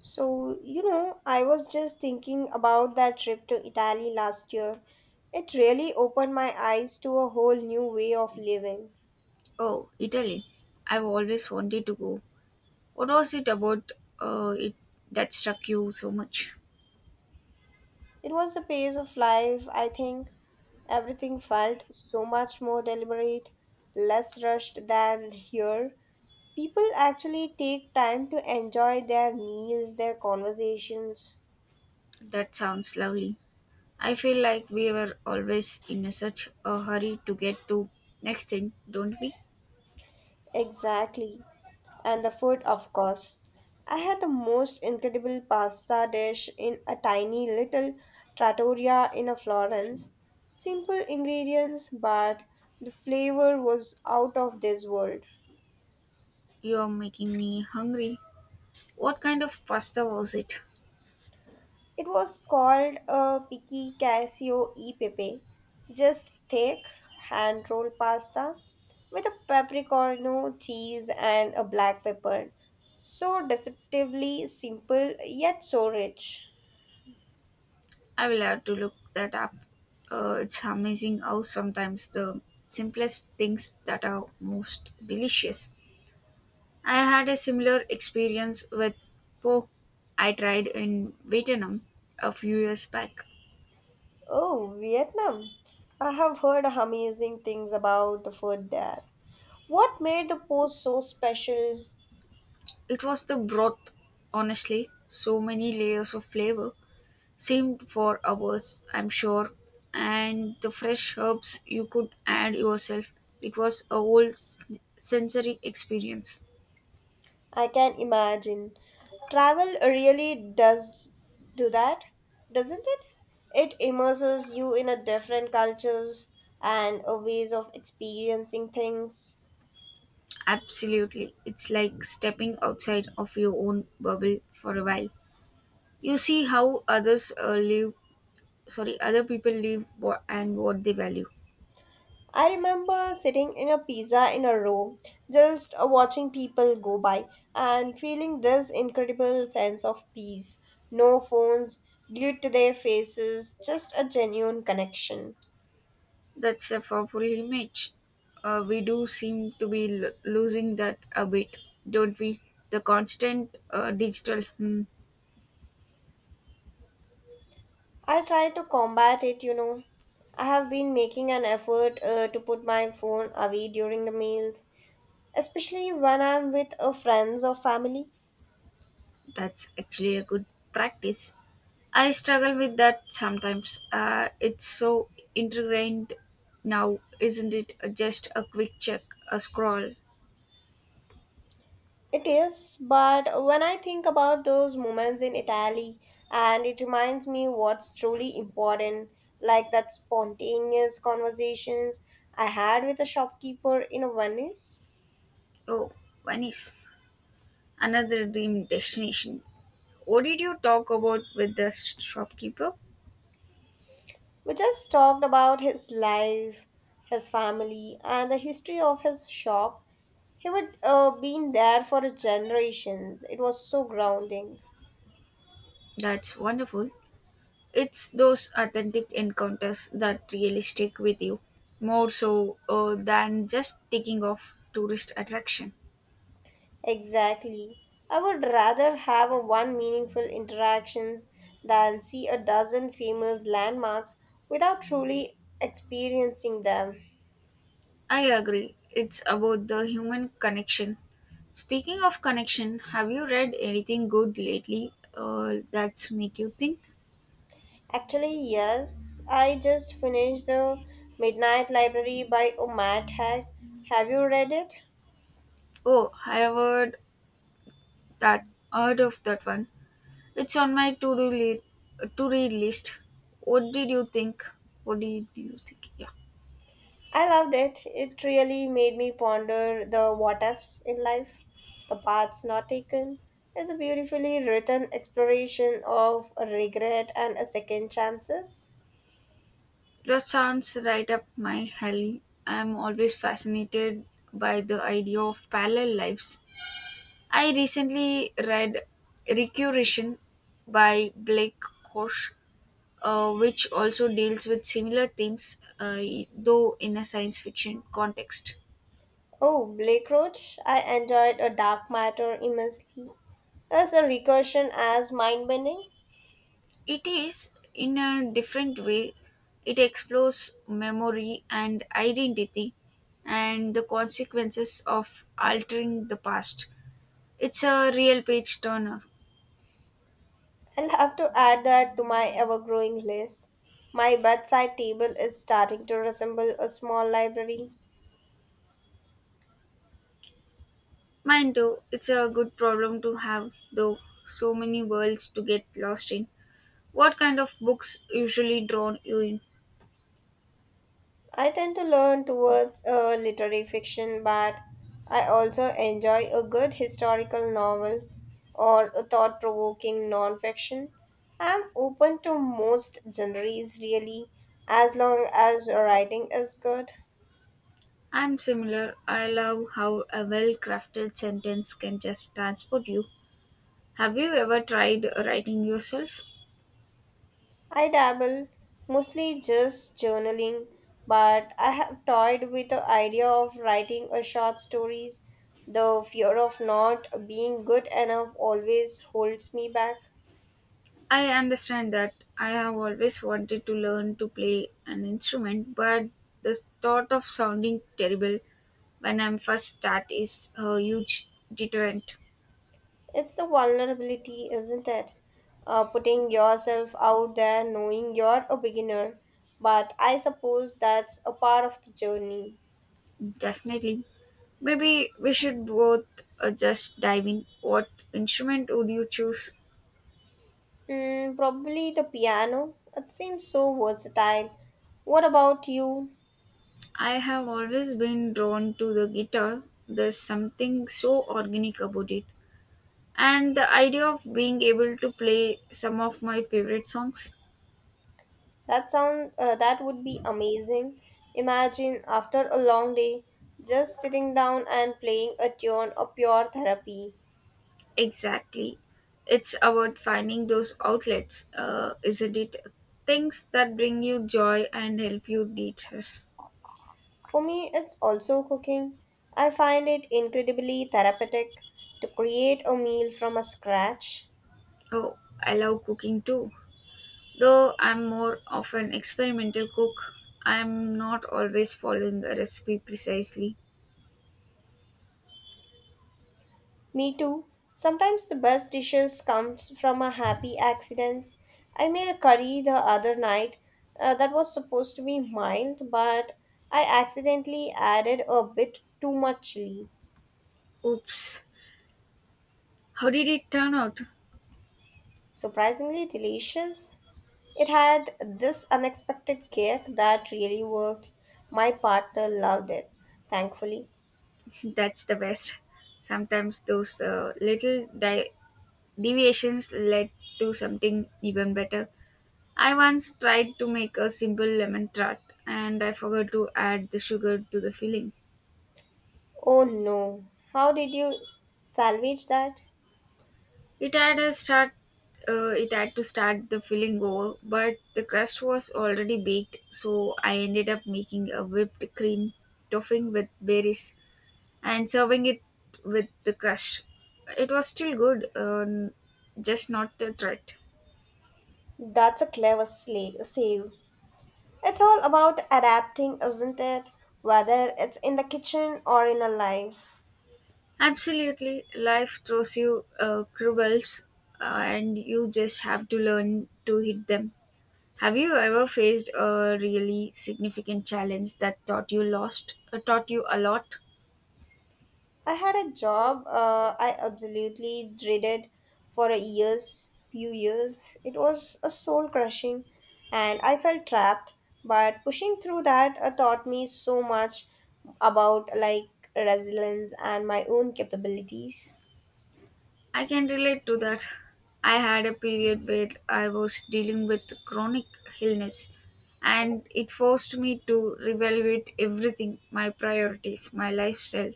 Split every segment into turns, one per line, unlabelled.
So, you know, I was just thinking about that trip to Italy last year. It really opened my eyes to a whole new way of living.
Oh, Italy. I've always wanted to go. What was it about it that struck you so much?
It was the pace of life, I think. Everything felt so much more deliberate, less rushed than here. People actually take time to enjoy their meals, their conversations.
That sounds lovely. I feel like we were always in a such a hurry to get to next thing, don't we?
Exactly. And the food, of course. I had the most incredible pasta dish in a tiny little trattoria in a Florence. Simple ingredients, but the flavor was out of this world.
You are making me hungry. What kind of pasta was it?
It was called a picky casio e pepe, just thick hand rolled pasta with a peppercorno cheese and a black pepper. So deceptively simple yet so rich.
I will have to look that up. It's amazing how sometimes the simplest things that are most delicious. I had a similar experience with pork I tried in Vietnam a few years back.
Oh, Vietnam. I have heard amazing things about the food there. What made the post so special?
It was the broth, honestly, so many layers of flavor, seemed for hours, I'm sure, and the fresh herbs you could add yourself. It was a whole sensory experience.
I can imagine. Travel really does do that, doesn't it? It immerses you in a different cultures and a ways of experiencing things.
Absolutely. It's like stepping outside of your own bubble for a while. You see how other people live and what they value.
I remember sitting in a pizza in a row, just watching people go by and feeling this incredible sense of peace. No phones glued to their faces, just a genuine connection.
That's a powerful image. We do seem to be losing that a bit, don't we? The constant digital.
I try to combat it, you know. I have been making an effort to put my phone away during the meals, especially when I'm with friends or family.
That's actually a good practice. I struggle with that sometimes. It's so ingrained now, isn't it? Just a quick check, a scroll.
It is, but when I think about those moments in Italy, and it reminds me what's truly important, like that spontaneous conversations I had with a shopkeeper in Venice.
Oh, Venice, another dream destination. What did you talk about with the shopkeeper?
We just talked about his life, his family, and the history of his shop. He would been there for generations. It was so grounding.
That's wonderful. It's those authentic encounters that really stick with you, more so than just taking off tourist attraction.
Exactly. I would rather have a one meaningful interactions than see a dozen famous landmarks without truly experiencing them.
I agree. It's about the human connection. Speaking of connection, have you read anything good lately, that's make you think?
Actually, yes, I just finished The Midnight Library by Omat Hag. Have you read it?
Oh, I have that heard of that one. It's on my to-read list. What did you think? What did you think? Yeah.
I loved it. It really made me ponder the what ifs in life, the paths not taken. It's a beautifully written exploration of regret and a second chances.
That sounds right up my alley. I'm always fascinated by the idea of parallel lives. I recently read Recursion by Blake Koch, which also deals with similar themes, though in a science fiction context.
Oh, Blake Roach, I enjoyed A Dark Matter immensely. As a recursion as mind bending,
It is, in a different way, it explores memory and identity and the consequences of altering the past. It's a real page turner.
I'll have to add that to my ever growing list. My bedside table is starting to resemble a small library.
Mine too. It's a good problem to have, though, so many worlds to get lost in. What kind of books usually drawn you in?
I tend to learn towards literary fiction, but I also enjoy a good historical novel or a thought provoking non fiction. I'm open to most genres, really, as long as writing is good.
I'm similar. I love how a well crafted sentence can just transport you. Have you ever tried writing yourself?
I dabble, mostly just journaling, but I have toyed with the idea of writing a short stories. The fear of not being good enough always holds me back.
I understand that. I have always wanted to learn to play an instrument, but the thought of sounding terrible when I'm first start is a huge deterrent.
It's the vulnerability, isn't it? Putting yourself out there knowing you're a beginner. But I suppose that's a part of the journey.
Definitely. Maybe we should both just dive in. What instrument would you choose?
Probably the piano. It seems so versatile. What about you?
I have always been drawn to the guitar. There's something so organic about it. And the idea of being able to play some of my favorite songs.
That sound that would be amazing. Imagine after a long day just sitting down and playing a tune a pure therapy.
Exactly. It's about finding those outlets, isn't it? Things that bring you joy and help you de-stress.
For me it's also cooking. I find it incredibly therapeutic to create a meal from a scratch.
Oh, I love cooking too. Though I'm more of an experimental cook, I'm not always following a recipe precisely.
Me too. Sometimes the best dishes comes from a happy accident. I made a curry the other night that was supposed to be mild but I accidentally added a bit too much chili.
Oops, how did it turn out?
Surprisingly delicious. It had this unexpected kick that really worked. My partner loved it, thankfully.
That's the best. Sometimes those deviations led to something even better. I once tried to make a simple lemon tart and I forgot to add the sugar to the filling.
Oh no, how did you salvage that?
It had a start. It had to start the filling over, but the crust was already baked, so I ended up making a whipped cream topping with berries and serving it with the crust. It was still good, just not the threat.
That's a clever save. It's all about adapting, isn't it? Whether it's in the kitchen or in a life.
Absolutely, life throws you curveballs, and you just have to learn to hit them. Have you ever faced a really significant challenge that taught you a lot?
I had a job I absolutely dreaded for few years. It was a soul crushing, and I felt trapped. But pushing through that taught me so much about like resilience and my own capabilities.
I can relate to that. I had a period where I was dealing with chronic illness and it forced me to reevaluate everything, my priorities, my lifestyle.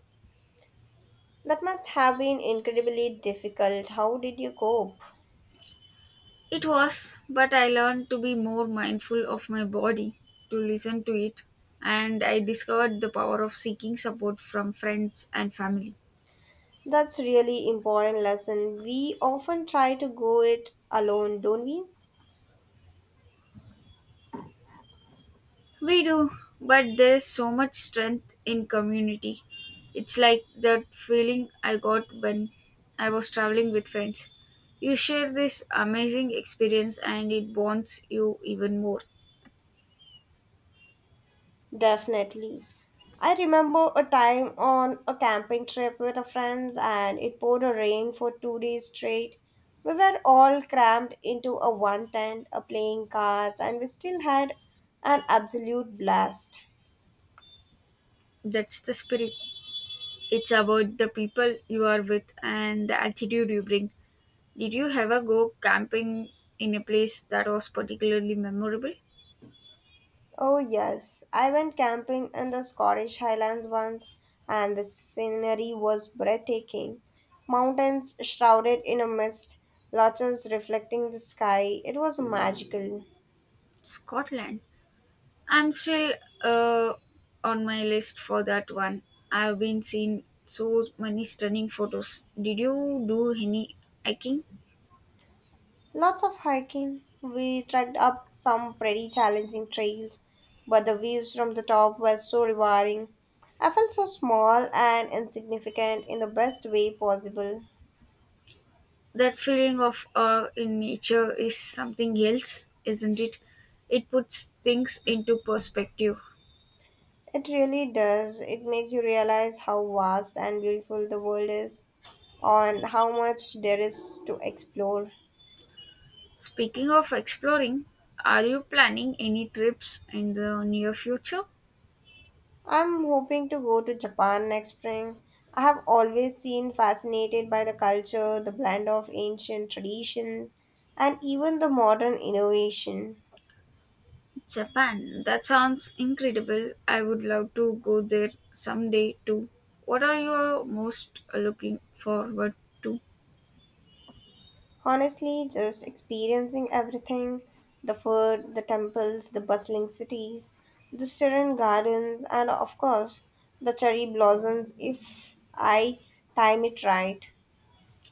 That must have been incredibly difficult. How did you cope?
It was, but I learned to be more mindful of my body, to listen to it, and I discovered the power of seeking support from friends and family.
That's really important lesson. We often try to go it alone, don't we?
We do, but there is so much strength in community. It's like that feeling I got when I was traveling with friends. You share this amazing experience and it bonds you even more.
Definitely. I remember a time on a camping trip with a friends and it poured a rain for 2 days straight. We were all crammed into a one tent, a playing cards, and we still had an absolute blast.
That's the spirit. It's about the people you are with and the attitude you bring. Did you ever go camping in a place that was particularly memorable?
Oh yes, I went camping in the Scottish Highlands once and the scenery was breathtaking. Mountains shrouded in a mist, lodges reflecting the sky. It was magical.
Scotland. I'm still uh, on my list for that one. I've been seeing so many stunning photos. Did you do any hiking?
Lots of hiking. We trekked up some pretty challenging trails, but the views from the top were so rewarding. I felt so small and insignificant in the best way possible.
That feeling of awe in nature is something else, isn't it? It puts things into perspective.
It really does. It makes you realize how vast and beautiful the world is and how much there is to explore.
Speaking of exploring, are you planning any trips in the near future?
I'm hoping to go to Japan next spring. I have always seen fascinated by the culture, the blend of ancient traditions, and even the modern innovation.
Japan, that sounds incredible. I would love to go there someday too. What are you most looking forward to?
Honestly, just experiencing everything the food, the temples, the bustling cities, the serene gardens, and of course, the cherry blossoms if I time it right.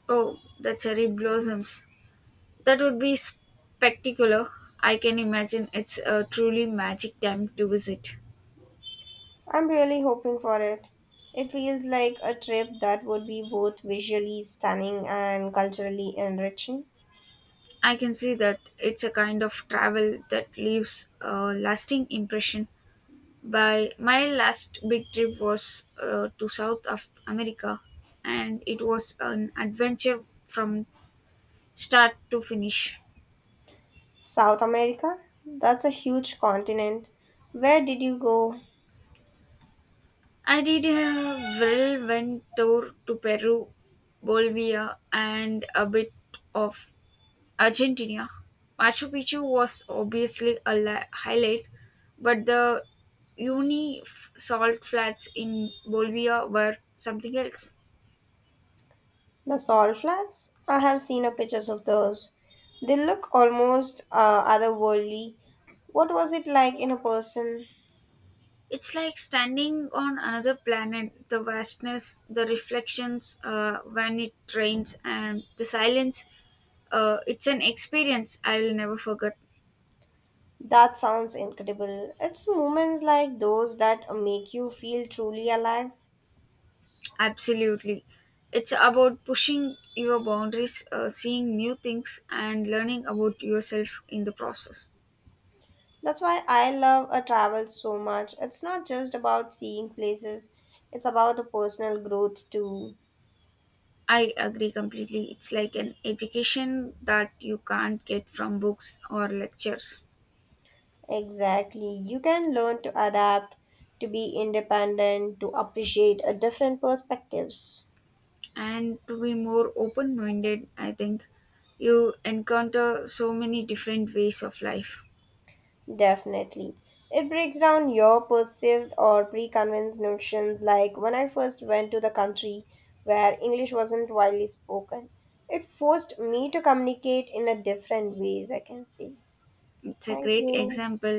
Oh, the cherry blossoms. That would be spectacular. I can imagine it's a truly magic time to visit.
I'm really hoping for it. It feels like a trip that would be both visually stunning and culturally enriching.
I can see that it's a kind of travel that leaves a lasting impression. By my last big trip was to South of America, and it was an adventure from start to finish.
South America? That's a huge continent. Where did you go?
I did a whirlwind tour to Peru, Bolivia, and a bit of Argentina. Machu Picchu was obviously a highlight, but the salt flats in Bolivia were something else.
The salt flats? I have seen a pictures of those. They look almost otherworldly. What was it like in a person?
It's like standing on another planet, the vastness, the reflections when it rains, and the silence. It's an experience I will never forget.
That sounds incredible. It's moments like those that make you feel truly alive.
Absolutely. It's about pushing your boundaries, seeing new things, and learning about yourself in the process.
That's why I love a travel so much. It's not just about seeing places, it's about the personal growth too.
I agree completely. It's like an education that you can't get from books or lectures.
Exactly. You can learn to adapt, to be independent, to appreciate a different perspectives.
And to be more open minded, I think you encounter so many different ways of life.
Definitely. It breaks down your perceived or preconceived notions like when I first went to the country where English wasn't widely spoken. It forced me to communicate in a different ways, I can say.
It's a
Thank
great
you.
example.